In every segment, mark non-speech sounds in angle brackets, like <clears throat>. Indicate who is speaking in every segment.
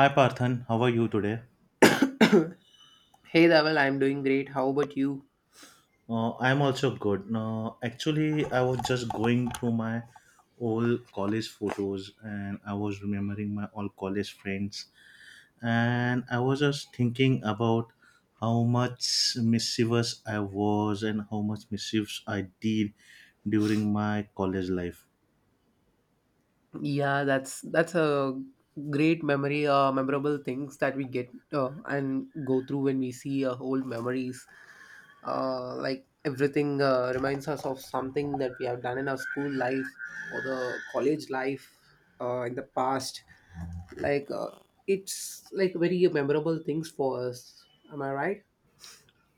Speaker 1: Hi Parthan, how are you today?
Speaker 2: Hey Dhaval, I'm doing great. How about you?
Speaker 1: I'm also good. No, actually, I was just going through my old college photos and I was remembering my old college friends. And I was just thinking about how much mischievous I was and how much mischiefs I did during my college life.
Speaker 2: Yeah, that's a great memory, memorable things that we get and go through when we see old memories. Like everything reminds us of something that we have done in our school life or the college life in the past. Like uh, it's like very memorable things for us. Am I right?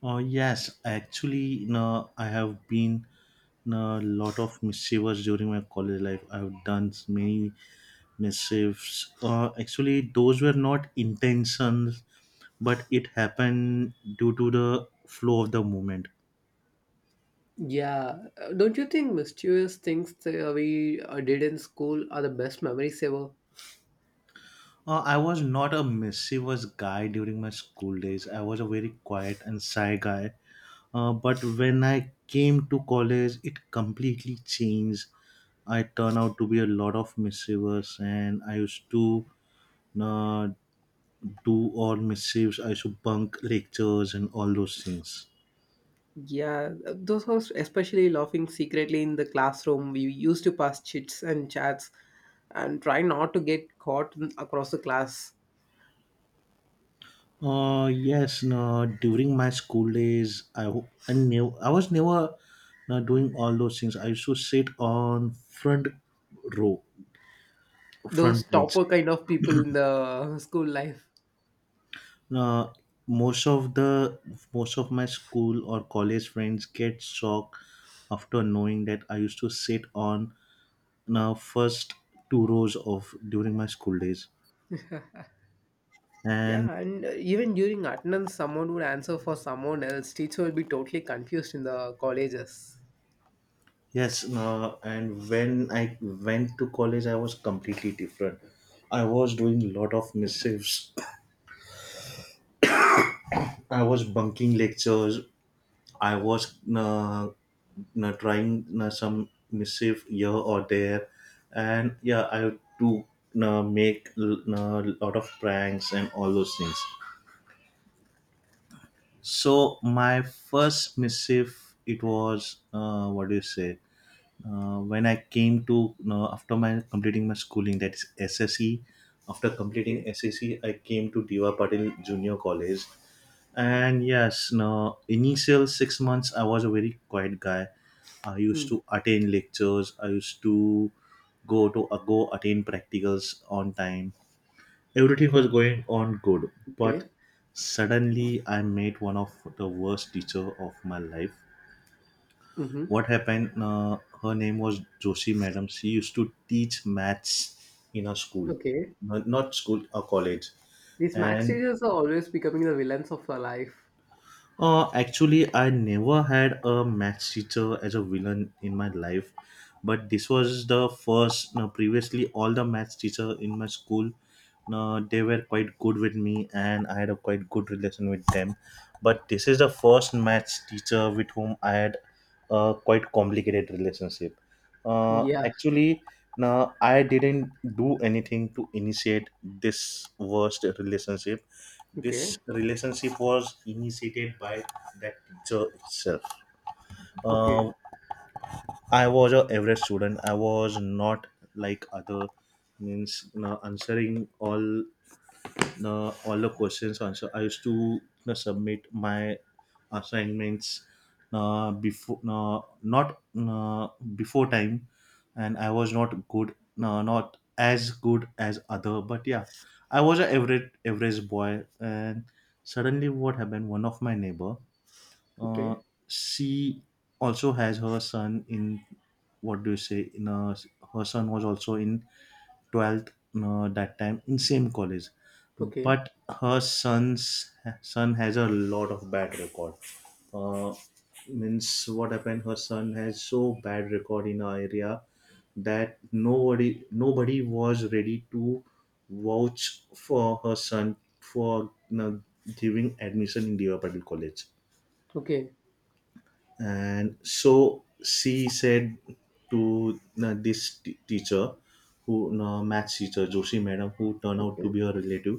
Speaker 1: Oh, yes, actually, no, I have been a lot of mischievous during my college life. I've done many mischiefs. Actually, those were not intentions, but it happened due to the flow of the moment.
Speaker 2: Yeah, don't you think mischievous things that we did in school are the best memories ever?
Speaker 1: I was not a mischievous guy during my school days. I was a very quiet and shy guy. But when I came to college, it completely changed. I turned out to be a lot of mischievous, and I used to uh, do all mischiefs. I used to bunk lectures and all those things.
Speaker 2: Yeah, those was especially laughing secretly in the classroom. We used to pass chits and chats and try not to get caught across the class.
Speaker 1: Yes, no, during my school days, I knew I was never not doing all those things. I used to sit on front row,
Speaker 2: Those
Speaker 1: front bench.
Speaker 2: topper kind of people in the school life.
Speaker 1: Now, most of the most of my school or college friends get shocked after knowing that I used to sit on now first two rows of during my school days,
Speaker 2: Yeah,
Speaker 1: and
Speaker 2: and even during attendance, someone would answer for someone else. Teacher would be totally confused in the colleges.
Speaker 1: yes, no, and when I went to college, I was completely different. I was doing a lot of missives. <clears throat> I was bunking lectures. I was trying some missive here or there, and yeah, I do make a lot of pranks and all those things. So my first missive, it was what do you say? When I came to after my completing my schooling, that is SSE. After completing
Speaker 2: Okay.
Speaker 1: SSE, I came to Diva Patil Junior College, and yes, no initial 6 months I was a very quiet guy. I used
Speaker 2: Mm.
Speaker 1: to attend lectures. I used to go attend practicals on time. Everything was going on good,
Speaker 2: Okay.
Speaker 1: but suddenly I met one of the worst teacher of my life.
Speaker 2: Mm-hmm.
Speaker 1: What happened, her name was Joshi madam. She used to teach maths in a school,
Speaker 2: Okay.
Speaker 1: not school, a college,
Speaker 2: These max
Speaker 1: and
Speaker 2: teachers are always becoming the villains of our life.
Speaker 1: actually, I never had a maths teacher as a villain in my life, but this was the first. No, previously, all the maths teacher in my school, no, they were quite good with me, and I had a quite good relation with them. But this is the first maths teacher with whom I had a quite complicated relationship. Uh,
Speaker 2: Yeah.
Speaker 1: actually, no, I didn't do anything to initiate this worst relationship. This
Speaker 2: Okay.
Speaker 1: relationship was initiated by that teacher itself.
Speaker 2: Okay.
Speaker 1: Uh, i was a average student. I was not like other, means answering all the questions answer. I used to submit my assignments before not before time, and I was not good, not as good as other. But yeah, I was an average boy, and suddenly what happened? One of my neighbor, uh,
Speaker 2: Okay.
Speaker 1: she also has her son in what do you say? Her son was also in 12th that time in same college,
Speaker 2: Okay.
Speaker 1: but her son's son has a lot of bad record. uh, Means what happened, her son has so bad record in our area that nobody was ready to vouch for her son for giving admission in Devapatil college.
Speaker 2: Okay.
Speaker 1: And so she said to teacher, who, maths teacher Joshi madam, who turned out to
Speaker 2: Okay.
Speaker 1: be her relative,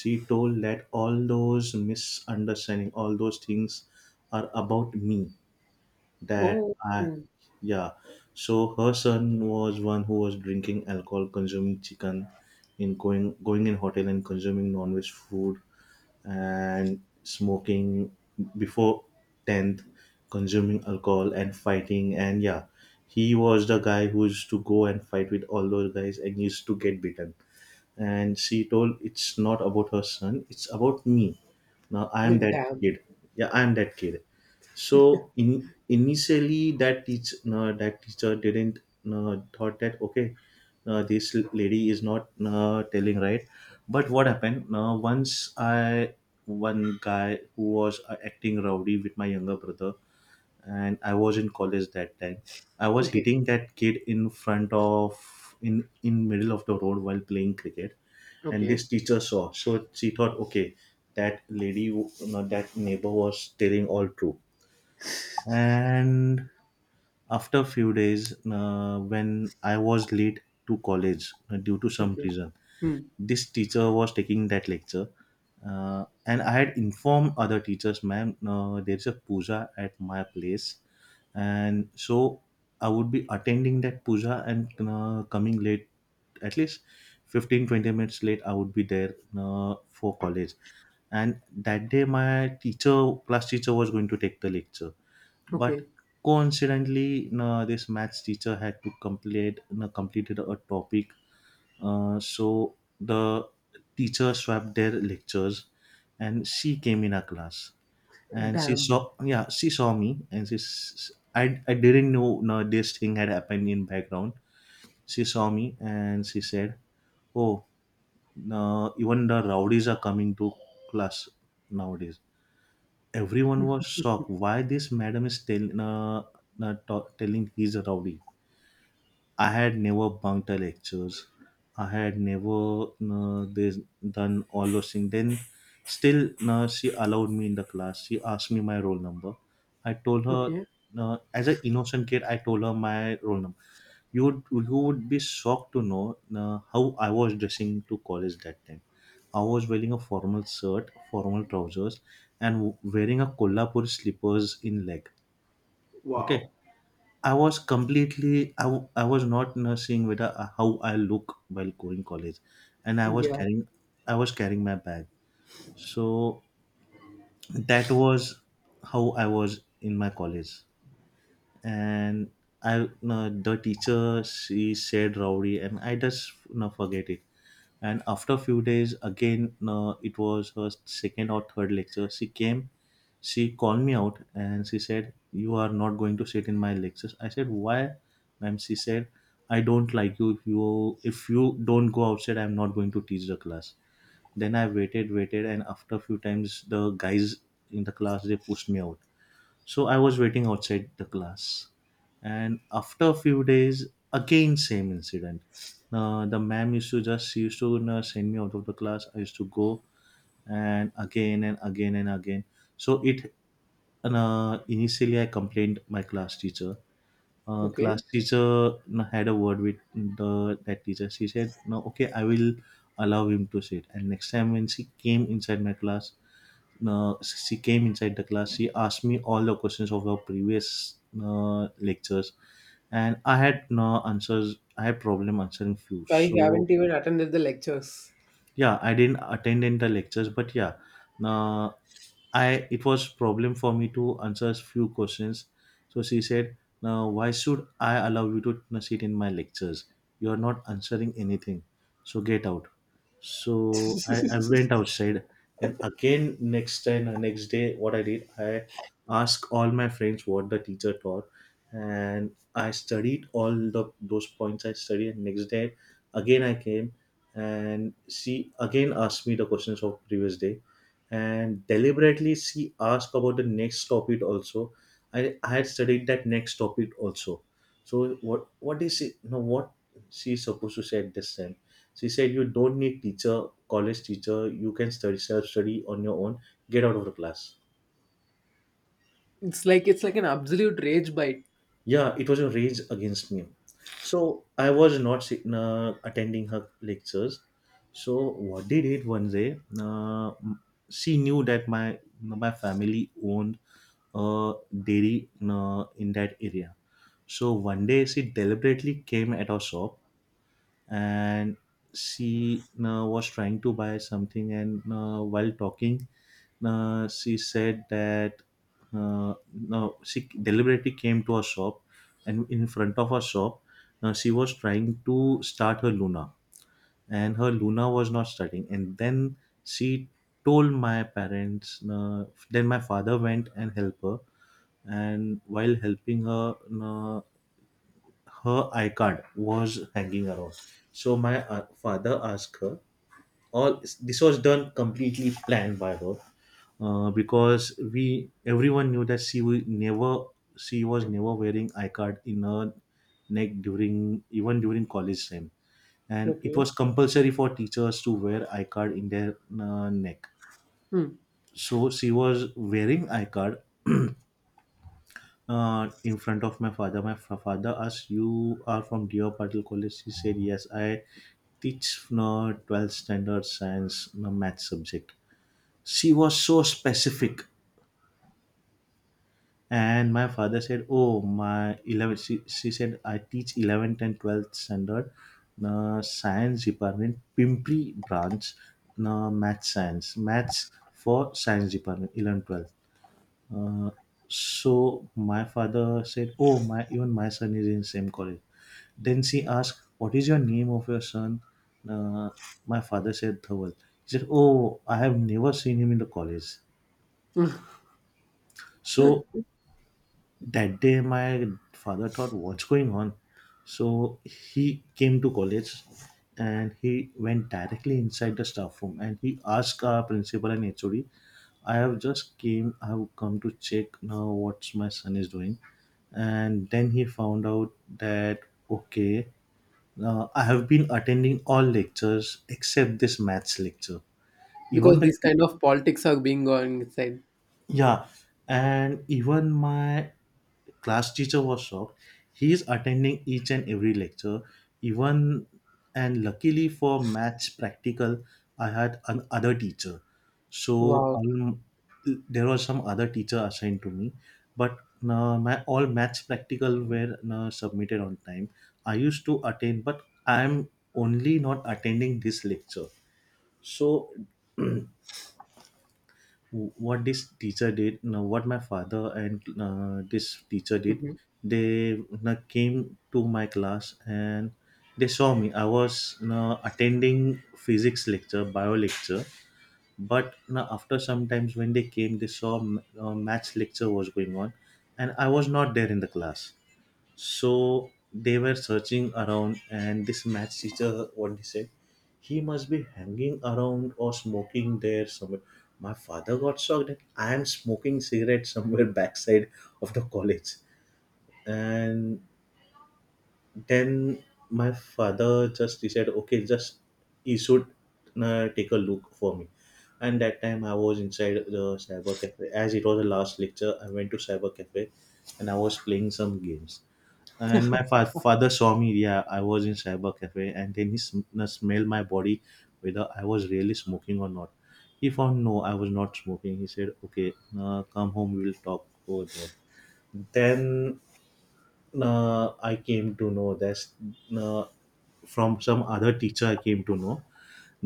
Speaker 1: she told that all those misunderstanding, all those things are about me, that
Speaker 2: Oh,
Speaker 1: I,
Speaker 2: <laughs>
Speaker 1: yeah, so her son was one who was drinking alcohol, consuming chicken, in going, in hotel and consuming non-veg food and smoking before 10th, consuming alcohol and fighting. And yeah, he was the guy who used to go and fight with all those guys and used to get beaten, and she told it's not about her son, it's about me. Now I am that
Speaker 2: damn.
Speaker 1: kid, yeah, I am that kid. So in initially that teach no, that teacher didn't, no, thought that, okay, no, this lady is not, no, telling right. But what happened, no, once I, one guy who was acting rowdy with my younger brother, and I was in college that time. I was
Speaker 2: Okay.
Speaker 1: hitting that kid in front of, in middle of the road while playing cricket, and
Speaker 2: Okay.
Speaker 1: this teacher saw. So she thought, okay, that lady, that neighbor was telling all true. And after a few days, when I was late to college due to some
Speaker 2: Okay.
Speaker 1: reason,
Speaker 2: Hmm.
Speaker 1: this teacher was taking that lecture, and I had informed other teachers, "Ma'am, there's a puja at my place, and so I would be attending that puja and coming late, at least 15-20 minutes late, I would be there for college." And that day my teacher class teacher was going to take the lecture, but
Speaker 2: Okay.
Speaker 1: coincidentally, no, this maths teacher had to complete no, completed a topic. So the teacher swapped their lectures, and she came in our class, and she
Speaker 2: Damn.
Speaker 1: saw yeah, she saw me, and I didn't know, no, this thing had happened in background. She saw me and she said, "Oh, no, even the rowdies are coming to class nowadays." Everyone was shocked. Why this madam is telling he's a rowdy? I had never bunked a lectures. I had never done all those things. Then still, she allowed me in the class. She asked me my roll number. I told her,
Speaker 2: Okay.
Speaker 1: as an innocent kid, I told her my roll number. You would be shocked to know how I was dressing to college that time. I was wearing a formal shirt, formal trousers, and wearing a Kolhapur slippers in leg. Okay,
Speaker 2: Wow.
Speaker 1: I was not seeing whether how I look while going college, and
Speaker 2: Yeah.
Speaker 1: I was carrying my bag. So that was how I was in my college, and the teacher, she said rowdy, and I just, you forget it. And after a few days again, it was her second or third lecture. She came, she called me out and she said, "You are not going to sit in my lectures." I said, "Why, ma'am?" She said, "I don't like you. If you don't go outside, I'm not going to teach the class." Then I waited, and after a few times, the guys in the class, they pushed me out. So I was waiting outside the class, and after a few days, again same incident. The ma'am used to just, she used to send me out of the class. I used to go, and again and again and again. So it, initially I complained my class teacher.
Speaker 2: Okay.
Speaker 1: Class teacher had a word with the that teacher. She said, "No, okay, I will allow him to sit." And next time when she came inside my class, she came inside the class, she asked me all the questions of her previous lectures, and I had no answers. I had problem answering few,
Speaker 2: I
Speaker 1: so
Speaker 2: haven't even attended the lectures.
Speaker 1: yeah, I didn't attend in the lectures, but yeah, uh, I it was problem for me to answer few questions. So she said, "Now why should I allow you to sit in my lectures? You are not answering anything, so get out." So I went outside, and again next time, next day, what I did, I asked all my friends what the teacher taught, and I studied all the those points. I studied, and next day again I came, and she again asked me the questions of previous day, and deliberately she asked about the next topic also. I had studied that next topic also. So what is it, no, what she is supposed to say at this time? She said, "You don't need teacher, college teacher. You can study, self study on your own. Get out of the class."
Speaker 2: It's like an absolute rage bite.
Speaker 1: Yeah, it was a rage against me. So I was not attending her lectures. So what they did one day, she knew that my family owned a dairy in that area. So one day she deliberately came at our shop, and she was trying to buy something, and while talking, she said that, no, she deliberately came to a shop, and in front of a shop, she was trying to start her Luna, and her Luna was not starting. And then she told my parents, then my father went and helped her. And while helping her, uh, her I card was hanging around. So my father asked her, all this was done completely planned by her, because we everyone knew that she was never wearing I card in her neck during even during college time, and it
Speaker 2: Okay.
Speaker 1: was compulsory for teachers to wear I card in their neck.
Speaker 2: Hmm.
Speaker 1: So she was wearing I card in front of my father. My father asked, "You are from Deer Patil College?" He said, "Yes, I teach 12th standard science math subject." She was so specific, and my father said, "Oh, my 11." She said, "I teach 11th and 12th standard science department, Pimpri branch, math science, maths for science department, 11 12th." Uh, so my father said, "Oh, my even my son is in same college." Then she asked, "What is your name of your son?" Uh, my father said, "Dhaval." He said, "Oh, I have never seen him in the college." So that day my father thought what's going on, so he came to college and he went directly inside the staff room, and he asked our principal and hod, "I have just came, I have come to check now what my son is doing." And then he found out that okay, I have been attending all lectures except this maths lecture. Even
Speaker 2: Because
Speaker 1: the
Speaker 2: these kind of politics are being going inside.
Speaker 1: Yeah, and even my class teacher was shocked. He is attending each and every lecture, even and luckily for maths practical, I had an other teacher. So
Speaker 2: Wow.
Speaker 1: all There was some other teacher assigned to me, but my all maths practical were submitted on time. I used to attend, but I am only not attending this lecture. So <clears throat> what this teacher did no, what my father and this teacher did,
Speaker 2: Mm-hmm.
Speaker 1: they no came to my class, and they saw me, I was no attending physics lecture, bio lecture, but no, after some times when they came, they saw maths lecture was going on and I was not there in the class. So they were searching around, and this math teacher, what he said, he must be hanging around or smoking there somewhere. My father got shocked that I am smoking cigarette somewhere <laughs> backside of the college. And then my father just decided, okay, just he should take a look for me. And that time I was inside the cyber cafe. As it was the last lecture, I went to cyber cafe and I was playing some games, and my father saw me, yeah, I was in cyber cafe, and then he smelled my body whether I was really smoking or not. He found no, I was not smoking. He said okay, come home, we will talk over there. Then I came to know that uh, from some other teacher I came to know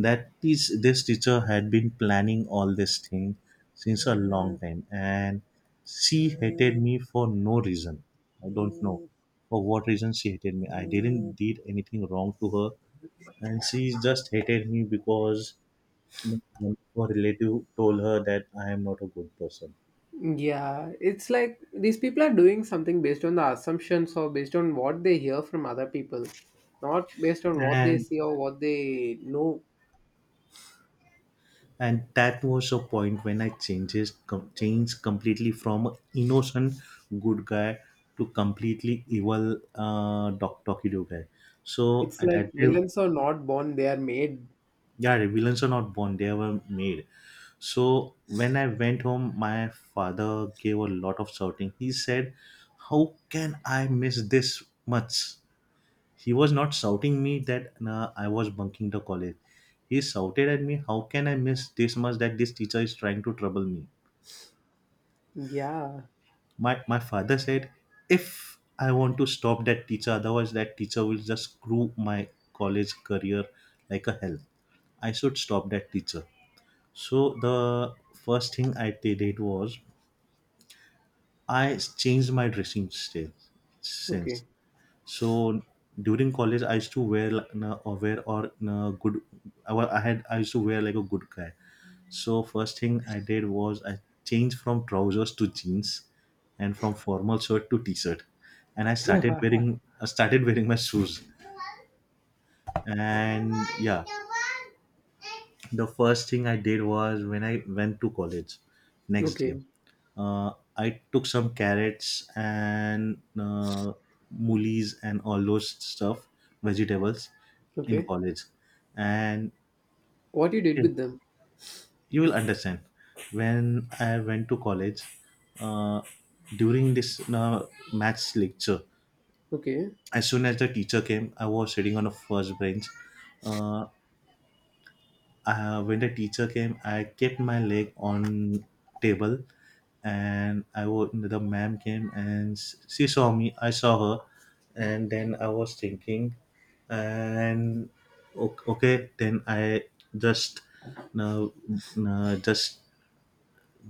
Speaker 1: that is this teacher had been planning all this thing since a long time, and she hated me for no reason. I don't know, for what reason she hated me. I didn't did anything wrong to her, and she just hated me because you one of her relative told her that I am not a good person.
Speaker 2: Yeah, it's like these people are doing something based on the assumptions or based on what they hear from other people, not based on what they
Speaker 1: And
Speaker 2: see or what they know.
Speaker 1: that was a point when I changed completely from a innocent good guy to completely evil, uh, doc Tokido guy. So
Speaker 2: It's
Speaker 1: at
Speaker 2: like
Speaker 1: that day,
Speaker 2: villains are not born, they are made.
Speaker 1: yeah, the villains are not born, they were made. So when I went home, my father gave a lot of shouting. He said how can I miss this much. He was not shouting me that nah, I was bunking the college. He shouted at me how can I miss this much, that this teacher is trying to trouble me.
Speaker 2: Yeah.
Speaker 1: My father said if I want to stop that teacher, otherwise that teacher will just screw my college career like a hell. I should stop that teacher. So the first thing I did was I changed my sense.
Speaker 2: Okay.
Speaker 1: So during college, I used to wear like, na- or wear or na good. I wa- I had I used to wear like a good guy. So first thing I did was I changed from trousers to jeans, and from formal shirt to t-shirt, and I started wearing my shoes. And yeah, the first thing I did was when I went to college next day,
Speaker 2: Okay.
Speaker 1: I took some carrots and moolies and all those stuff, vegetables in
Speaker 2: Okay.
Speaker 1: college. And
Speaker 2: What you did
Speaker 1: okay,
Speaker 2: with them?
Speaker 1: you will understand. When I went to college uh, during this maths lecture,
Speaker 2: Okay.
Speaker 1: as soon as the teacher came, I was sitting on the first bench. uh, when the teacher came, I kept my leg on table, and I was the ma'am came and she saw me, I saw her. And then I was thinking, and okay, then I just no, no just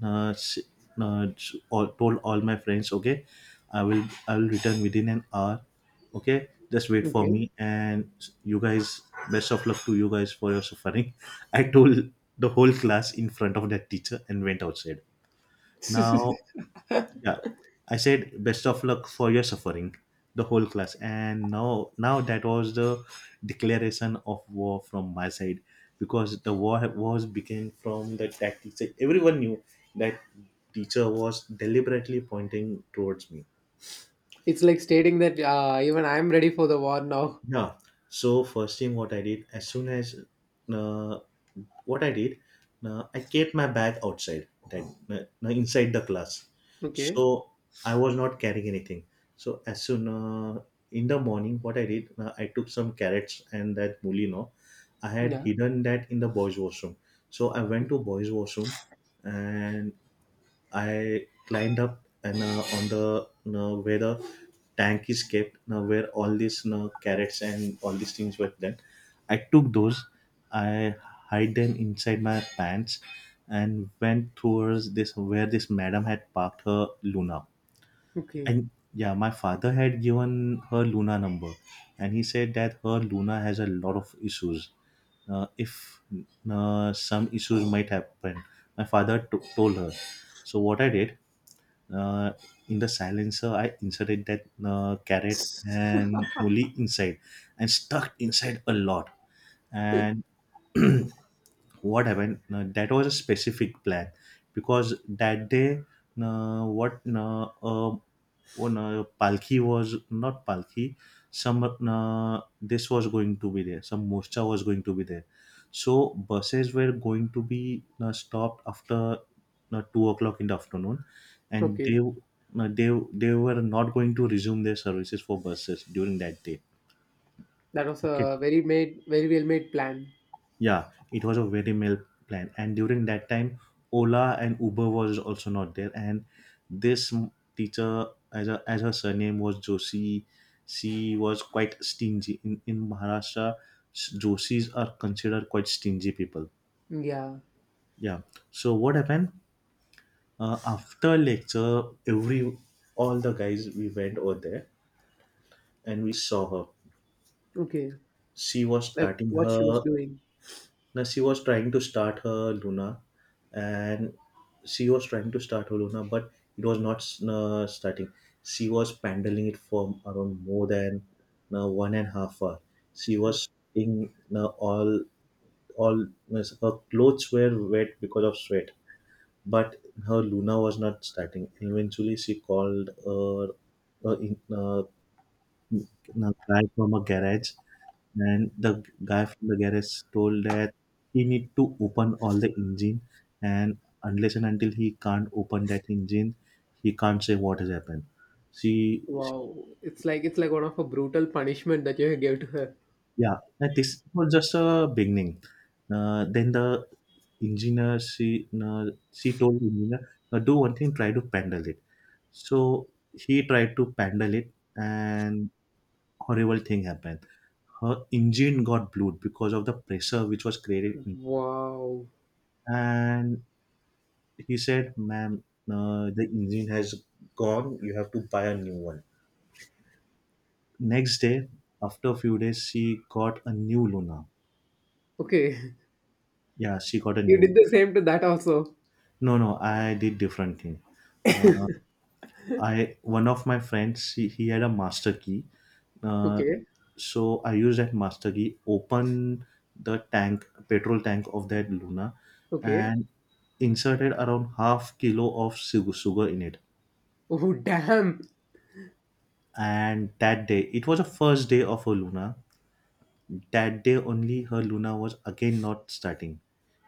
Speaker 1: s- s- all, told all my friends, "Okay, I will, I'll return within an hour. Okay, just wait for
Speaker 2: Okay.
Speaker 1: me, and you guys, best of luck to you guys for your suffering." <laughs> I told the whole class in front of that teacher and went outside. Now
Speaker 2: <laughs>
Speaker 1: yeah, I said best of luck for your suffering, the whole class. And now, that was the declaration of war from my side, because the war was began from the tactics. Everyone knew that teacher was deliberately pointing towards me.
Speaker 2: It's like stating that even I'm ready for the war now.
Speaker 1: Yeah. So first thing what I did as soon as uh, what I did, I kept my bag outside, that, uh, inside the class.
Speaker 2: Okay.
Speaker 1: So I was not carrying anything. So as soon in the morning, what I did, I took some carrots and that mulino. I had
Speaker 2: Yeah.
Speaker 1: hidden that in the boys' washroom. So I went to
Speaker 2: Okay.
Speaker 1: boys' washroom, and I climbed up and, on the you where the tank is kept, you where all these you carrots and all these things were done. I took those, I hide them inside my pants, and went towards this where this madam had parked her Luna.
Speaker 2: Okay.
Speaker 1: And yeah, my father had given her Luna number, and he said that her Luna has a lot of issues. If some issues might happen, my father to told her. So what I did, uh, in the silencer, I inserted that carrot and molly inside and stuck inside a lot. And <clears throat> what happened? That was a specific plan because that day, what a oh no, Palki was not Palki. Some this was going to be there. Some Morcha was going to be there. So buses were going to be stopped after 2 o'clock in the afternoon, and
Speaker 2: Okay.
Speaker 1: they were not going to resume their services for buses during that day.
Speaker 2: That was
Speaker 1: Okay,
Speaker 2: a very made, very well made plan.
Speaker 1: yeah, it was a very male plan. And during that time, ola and uber was also not there. And this teacher, as her surname was joshi, she was quite stingy. In maharashtra, joshis are considered quite stingy people.
Speaker 2: Yeah.
Speaker 1: Yeah. So what happened, after lecture, every all the guys we went over there and we saw her.
Speaker 2: Okay,
Speaker 1: She was
Speaker 2: like
Speaker 1: starting
Speaker 2: what she was
Speaker 1: her
Speaker 2: doing.
Speaker 1: Now she was trying to start her Luna, and she was trying to start her Luna, but it was not starting. She was paddling it for around more than 1.5 hour. She was in all her clothes were wet because of sweat, but her Luna was not starting. Eventually, she called her uh, in, uh, a guy from a garage, and the guy from the garage told that he need to open all the engine, and unless and until he can't open that engine, he can't say what has happened, see.
Speaker 2: Wow, it's like one of a brutal punishment that you gave to her.
Speaker 1: Yeah, and this was just a beginning. Then the engineer, she told the engineer, "Now do one thing, try to pendle it." So he tried to pendle it and horrible thing happened. Her engine got blew because of the pressure which was created.
Speaker 2: Wow.
Speaker 1: And he said, "Ma'am, the engine has gone, you have to buy a new one." next day After a few days, she got a new luna.
Speaker 2: Okay,
Speaker 1: Yeah, she got a
Speaker 2: <laughs> you
Speaker 1: new.
Speaker 2: did the same to that also.
Speaker 1: No no, I did different thing. Uh, I One of my friends, he had a master key. uh,
Speaker 2: Okay,
Speaker 1: so I used that master key open the tank, petrol tank of that luna,
Speaker 2: okay.
Speaker 1: and inserted around half kilo of sugar in it.
Speaker 2: Oh damn.
Speaker 1: And that day, it was the first day of her Luna. That day only, her Luna was again not starting.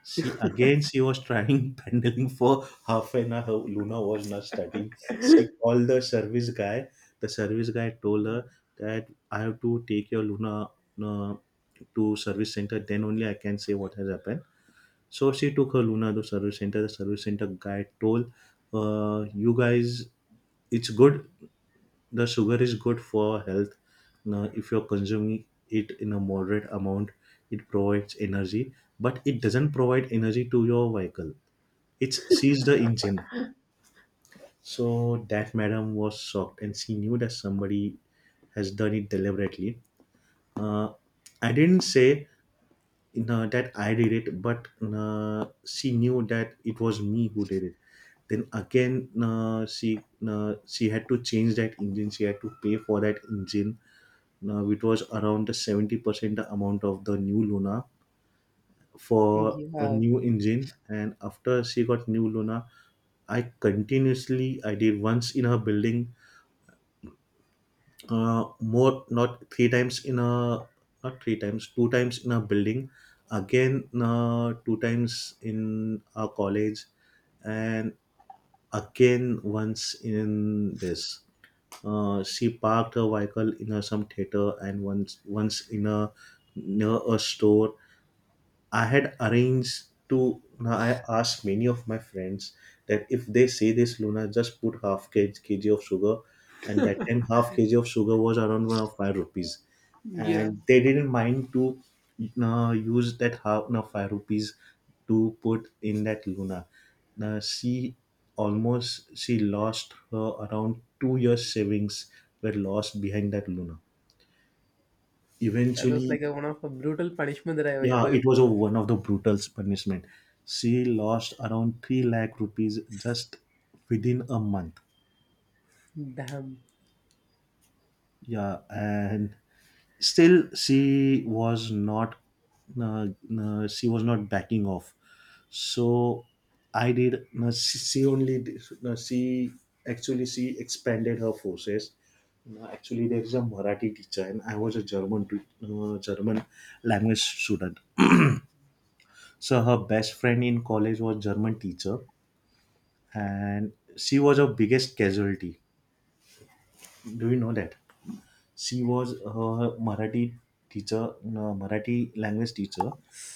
Speaker 1: She was trying <laughs> paddling for half an hour. Her Luna was not starting. She called the service guy. The service guy told her that I have to take your Luna uh, to service center. Then only I can say what has happened. So she took her Luna to service center. The service center guy told, "You guys, it's good, the sugar is good for health. Now if you're consuming it in a moderate amount, it provides energy, but it doesn't provide energy to your vehicle. It sees the engine." So that madam was shocked, and she knew that somebody has done it deliberately. uh, I didn't say, that I did it, but she knew that it was me who did it. Then again, she had to change that engine. She had to pay for that engine. Now, it was around 70% the amount of the new Luna for a
Speaker 2: Yeah,
Speaker 1: new engine. And after she got new Luna, I did once in her building. Not three times in a, Not three times, two times in a building. Again, two times in our college, and again once in this. She parked her vehicle in some theater, and once in a near a store. I had arranged to Now I asked many of my friends that if they say this Luna, just put kg of sugar. And that time half kg of sugar was around one of 5 rupees.
Speaker 2: yeah.
Speaker 1: And they didn't mind to use that half now 5 rupees to put in that Luna. Now, she lost her around 2 years savings, were lost behind that Luna.
Speaker 2: That was
Speaker 1: Eventually.
Speaker 2: like a, one of a brutal punishment that I
Speaker 1: Yeah,
Speaker 2: ever heard.
Speaker 1: it was one of the brutal punishment. She lost around 3 lakh rupees just within a month.
Speaker 2: Damn.
Speaker 1: Yeah, and still uh, she was not backing off. So I did. No, she only did- no, she actually, she expanded her forces. No, actually, there is a Marathi teacher, and I was a German language student. So her best friend in college was German teacher, and she was our biggest casualty. Do you know that? She was her Marathi teacher, no, Marathi language teacher.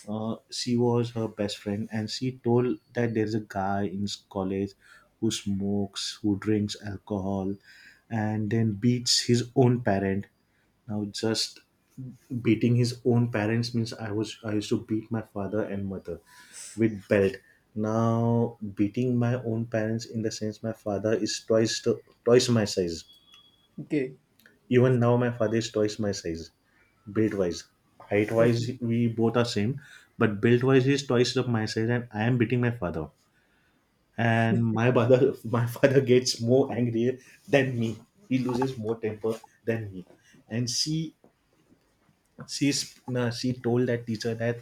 Speaker 1: She was her best friend, and she told that there's a guy in college who smokes, who drinks alcohol, and then beats his own parent. Now, just beating his own parents means I used to beat my father and mother with belt. Now beating my own parents in the sense, my father is twice my size.
Speaker 2: Okay.
Speaker 1: Even now my father is twice my size, build wise height wise
Speaker 2: Okay.
Speaker 1: we both are same, but build wise he's twice of my size, and I am beating my father. And my father <laughs> my father gets more angrier than me. He loses more temper than me. And she told that teacher that,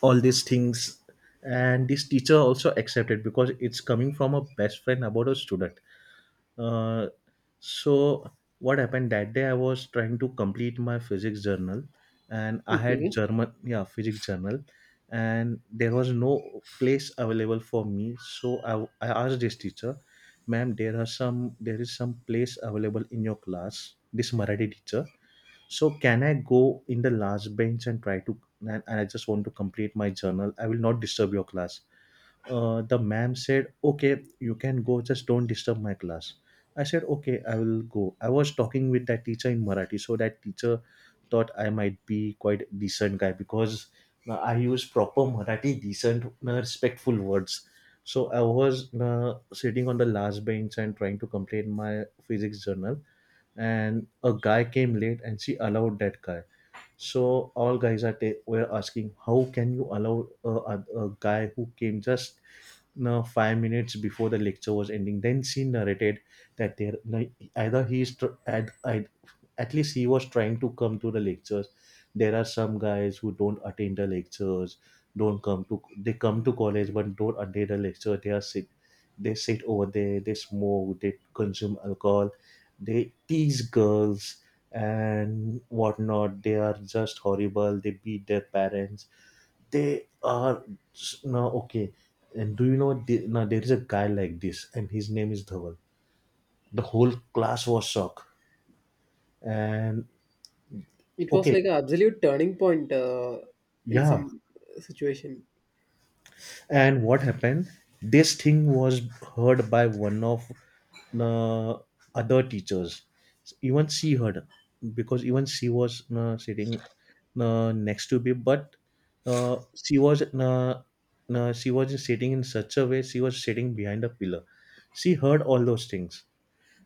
Speaker 1: all these things. And this teacher also accepted, because it's coming from a best friend about a student. Uh, so what happened, that day I was trying to complete my physics journal, and I had
Speaker 2: Okay.
Speaker 1: German, yeah, physics journal. And there was no place available for me, so I asked this teacher, "Ma'am, there is some place available in your class?" This Marathi teacher, so can I go in the last bench and try to, and I just want to complete my journal. I will not disturb your class. The ma'am said, "Okay, you can go, just don't disturb my class." I said, "Okay, I will go." I was talking with that teacher in Marathi, so that teacher thought I might be quite decent guy, because I use proper Marathi, decent, respectful words. So I was sitting on the last bench and trying to complete my physics journal. And a guy came late and she allowed that guy, so all guys were asking, "How can you allow a guy who came just 5 minutes before the lecture was ending?" Then she narrated that there no, either he is tr- had, at least he was trying to come to the lectures. There are some guys who don't attend the lectures, don't come to they come to college but don't attend the lecture. They sit over there, they smoke, they consume alcohol, they tease girls, and whatnot. They are just horrible. They beat their parents. They are Now, okay, and do you know now there is a guy like this and his name is Dhaval. The whole class was shocked. And
Speaker 2: It was
Speaker 1: okay.
Speaker 2: like an absolute turning point in
Speaker 1: Yeah.
Speaker 2: some situation.
Speaker 1: And what happened, this thing was heard by one of uh, other teachers. Even she heard, because even she was sitting next to me, but uh, she was uh, she was sitting in such a way, she was sitting behind a pillar. She heard all those things.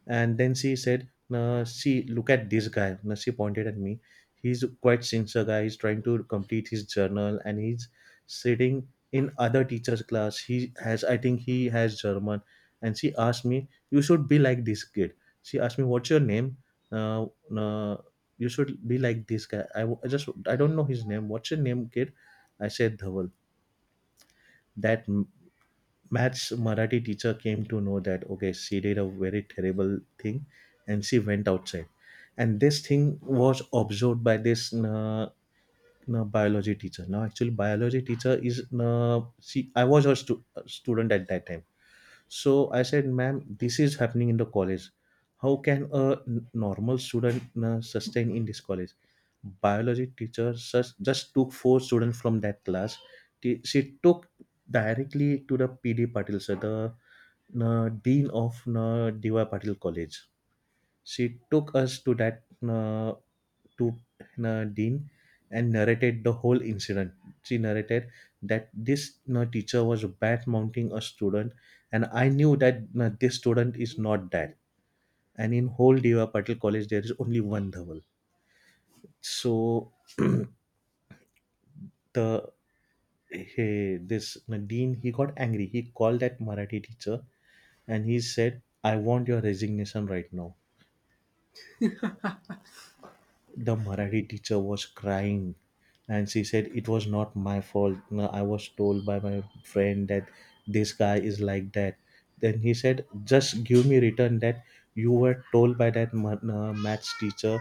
Speaker 1: And then she said, "Nah, see, look at this guy." Nah, she pointed at me. "He's quite sincere guy. He's trying to complete his journal and he's sitting in other teacher's class. He has, I think he has German." And she asked me, "You should be like this kid." She asked me, "What's your name? Nah, you should be like this guy. I don't know his name. What's your name, kid?" I said, "Dhaval." That maths Marathi teacher came to know that, okay, she did a very terrible thing, and she went outside. And this thing was observed by this biology teacher. Now, actually, biology teacher is she. I was her student at that time, so I said, "Ma'am, this is happening in the college. How can a normal student sustain in this college?" Biology teacher just took four students from that class. She took directly to the PD Patil, sir, the dean of DY Patil College. She took us to that. Uh, to Dean, and narrated the whole incident. She narrated that this teacher was bad mounting a student, and I knew that this student is not that. And in whole Deva Patil College, there is only one Dhaval. So <clears throat> the this Dean, he got angry. He called that Marathi teacher and he said, "I want your resignation right now." The Marathi teacher was crying and she said, "It was not my fault. No, I was told by my friend that this guy is like that." Then he said, "Just give me written that you were told by that maths teacher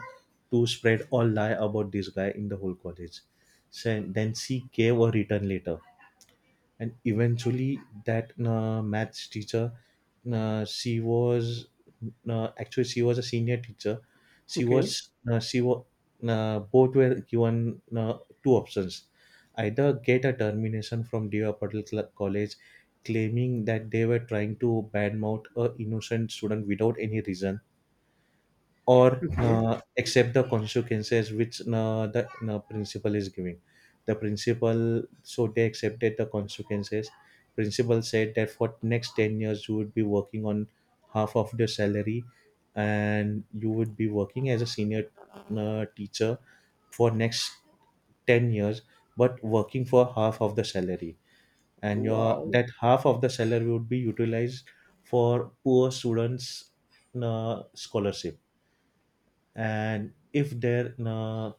Speaker 1: to spread all lie about this guy in the whole college." So then she gave a written letter. And eventually that maths teacher, she was actually she was a senior teacher. she
Speaker 2: Okay.
Speaker 1: was She was Both were given two options, either get a termination from Deva Patel College, claiming that they were trying to badmouth a innocent student without any reason, or
Speaker 2: Okay.
Speaker 1: accept the consequences which the principal is giving. The principal So they accepted the consequences. Principal said that for next 10 years you would be working on half of the salary, and you would be working as a senior teacher for next 10 years, but working for half of the salary. And your
Speaker 2: Wow.
Speaker 1: that half of the salary would be utilized for poor students scholarship. And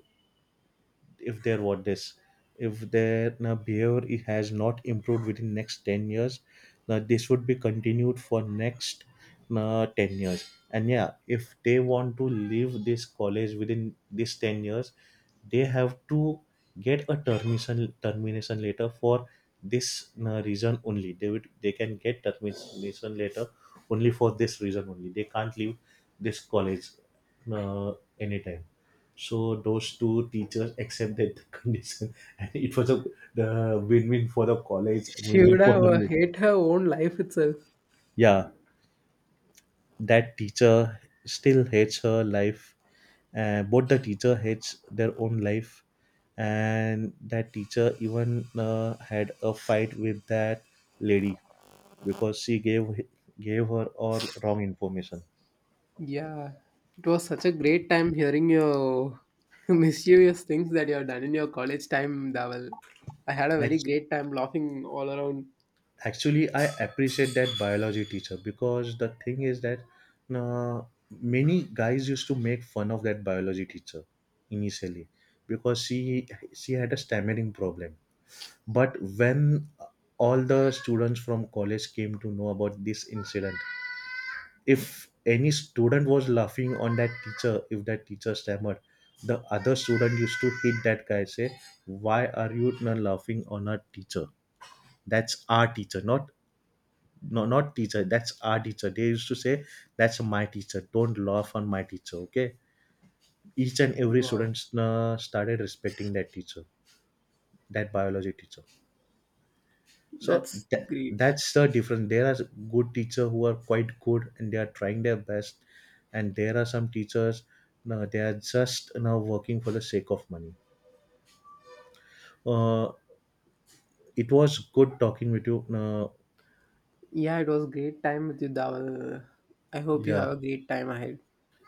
Speaker 1: if their what this if their behavior has not improved within next 10 years, this would be continued for next 10 years. And yeah, if they want to leave this college within this 10 years they have to get a termination letter. For this reason only, they can get termination letter. Only for this reason only, they can't leave this college uh, anytime. So those two teachers accepted the <laughs> condition, and it was a the win-win for the college and
Speaker 2: She would
Speaker 1: win-win for
Speaker 2: have
Speaker 1: the me.
Speaker 2: hate her own life itself.
Speaker 1: Yeah, that teacher still hates her life. Both the teacher hates their own life, and that teacher even had a fight with that lady, because she gave gave her all wrong information.
Speaker 2: Yeah, it was such a great time hearing your <laughs> mischievous things that you have done in your college time, Dawal. I had a very great time laughing all around.
Speaker 1: Actually, I appreciate that biology teacher, because the thing is that, uh, many guys used to make fun of that biology teacher initially, because she had a stammering problem. But when all the students from college came to know about this incident, if any student was laughing on that teacher, if that teacher stammered, the other student used to hit that guy, say, "Why are you not laughing on our teacher? That's our teacher, not no not teacher, that's our teacher." They used to say, "That's my teacher, don't laugh on my teacher, okay?" Each and every
Speaker 2: Wow,
Speaker 1: student started respecting that teacher, that biology teacher. So
Speaker 2: that's great.
Speaker 1: that's the difference. There are good teachers who are quite good and they are trying their best, and there are some teachers, they are just now working for the sake of money. uh, it was good talking with you,
Speaker 2: Yeah, it was great time with you, Dawal. I hope you
Speaker 1: yeah.
Speaker 2: have a great time ahead.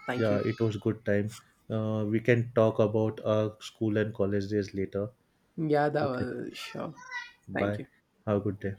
Speaker 2: Thank
Speaker 1: Yeah,
Speaker 2: you.
Speaker 1: it was good time. We can talk about our school and college days later.
Speaker 2: Yeah,
Speaker 1: Okay.
Speaker 2: Dawal, sure. Thank
Speaker 1: Bye.
Speaker 2: you.
Speaker 1: Have a good day.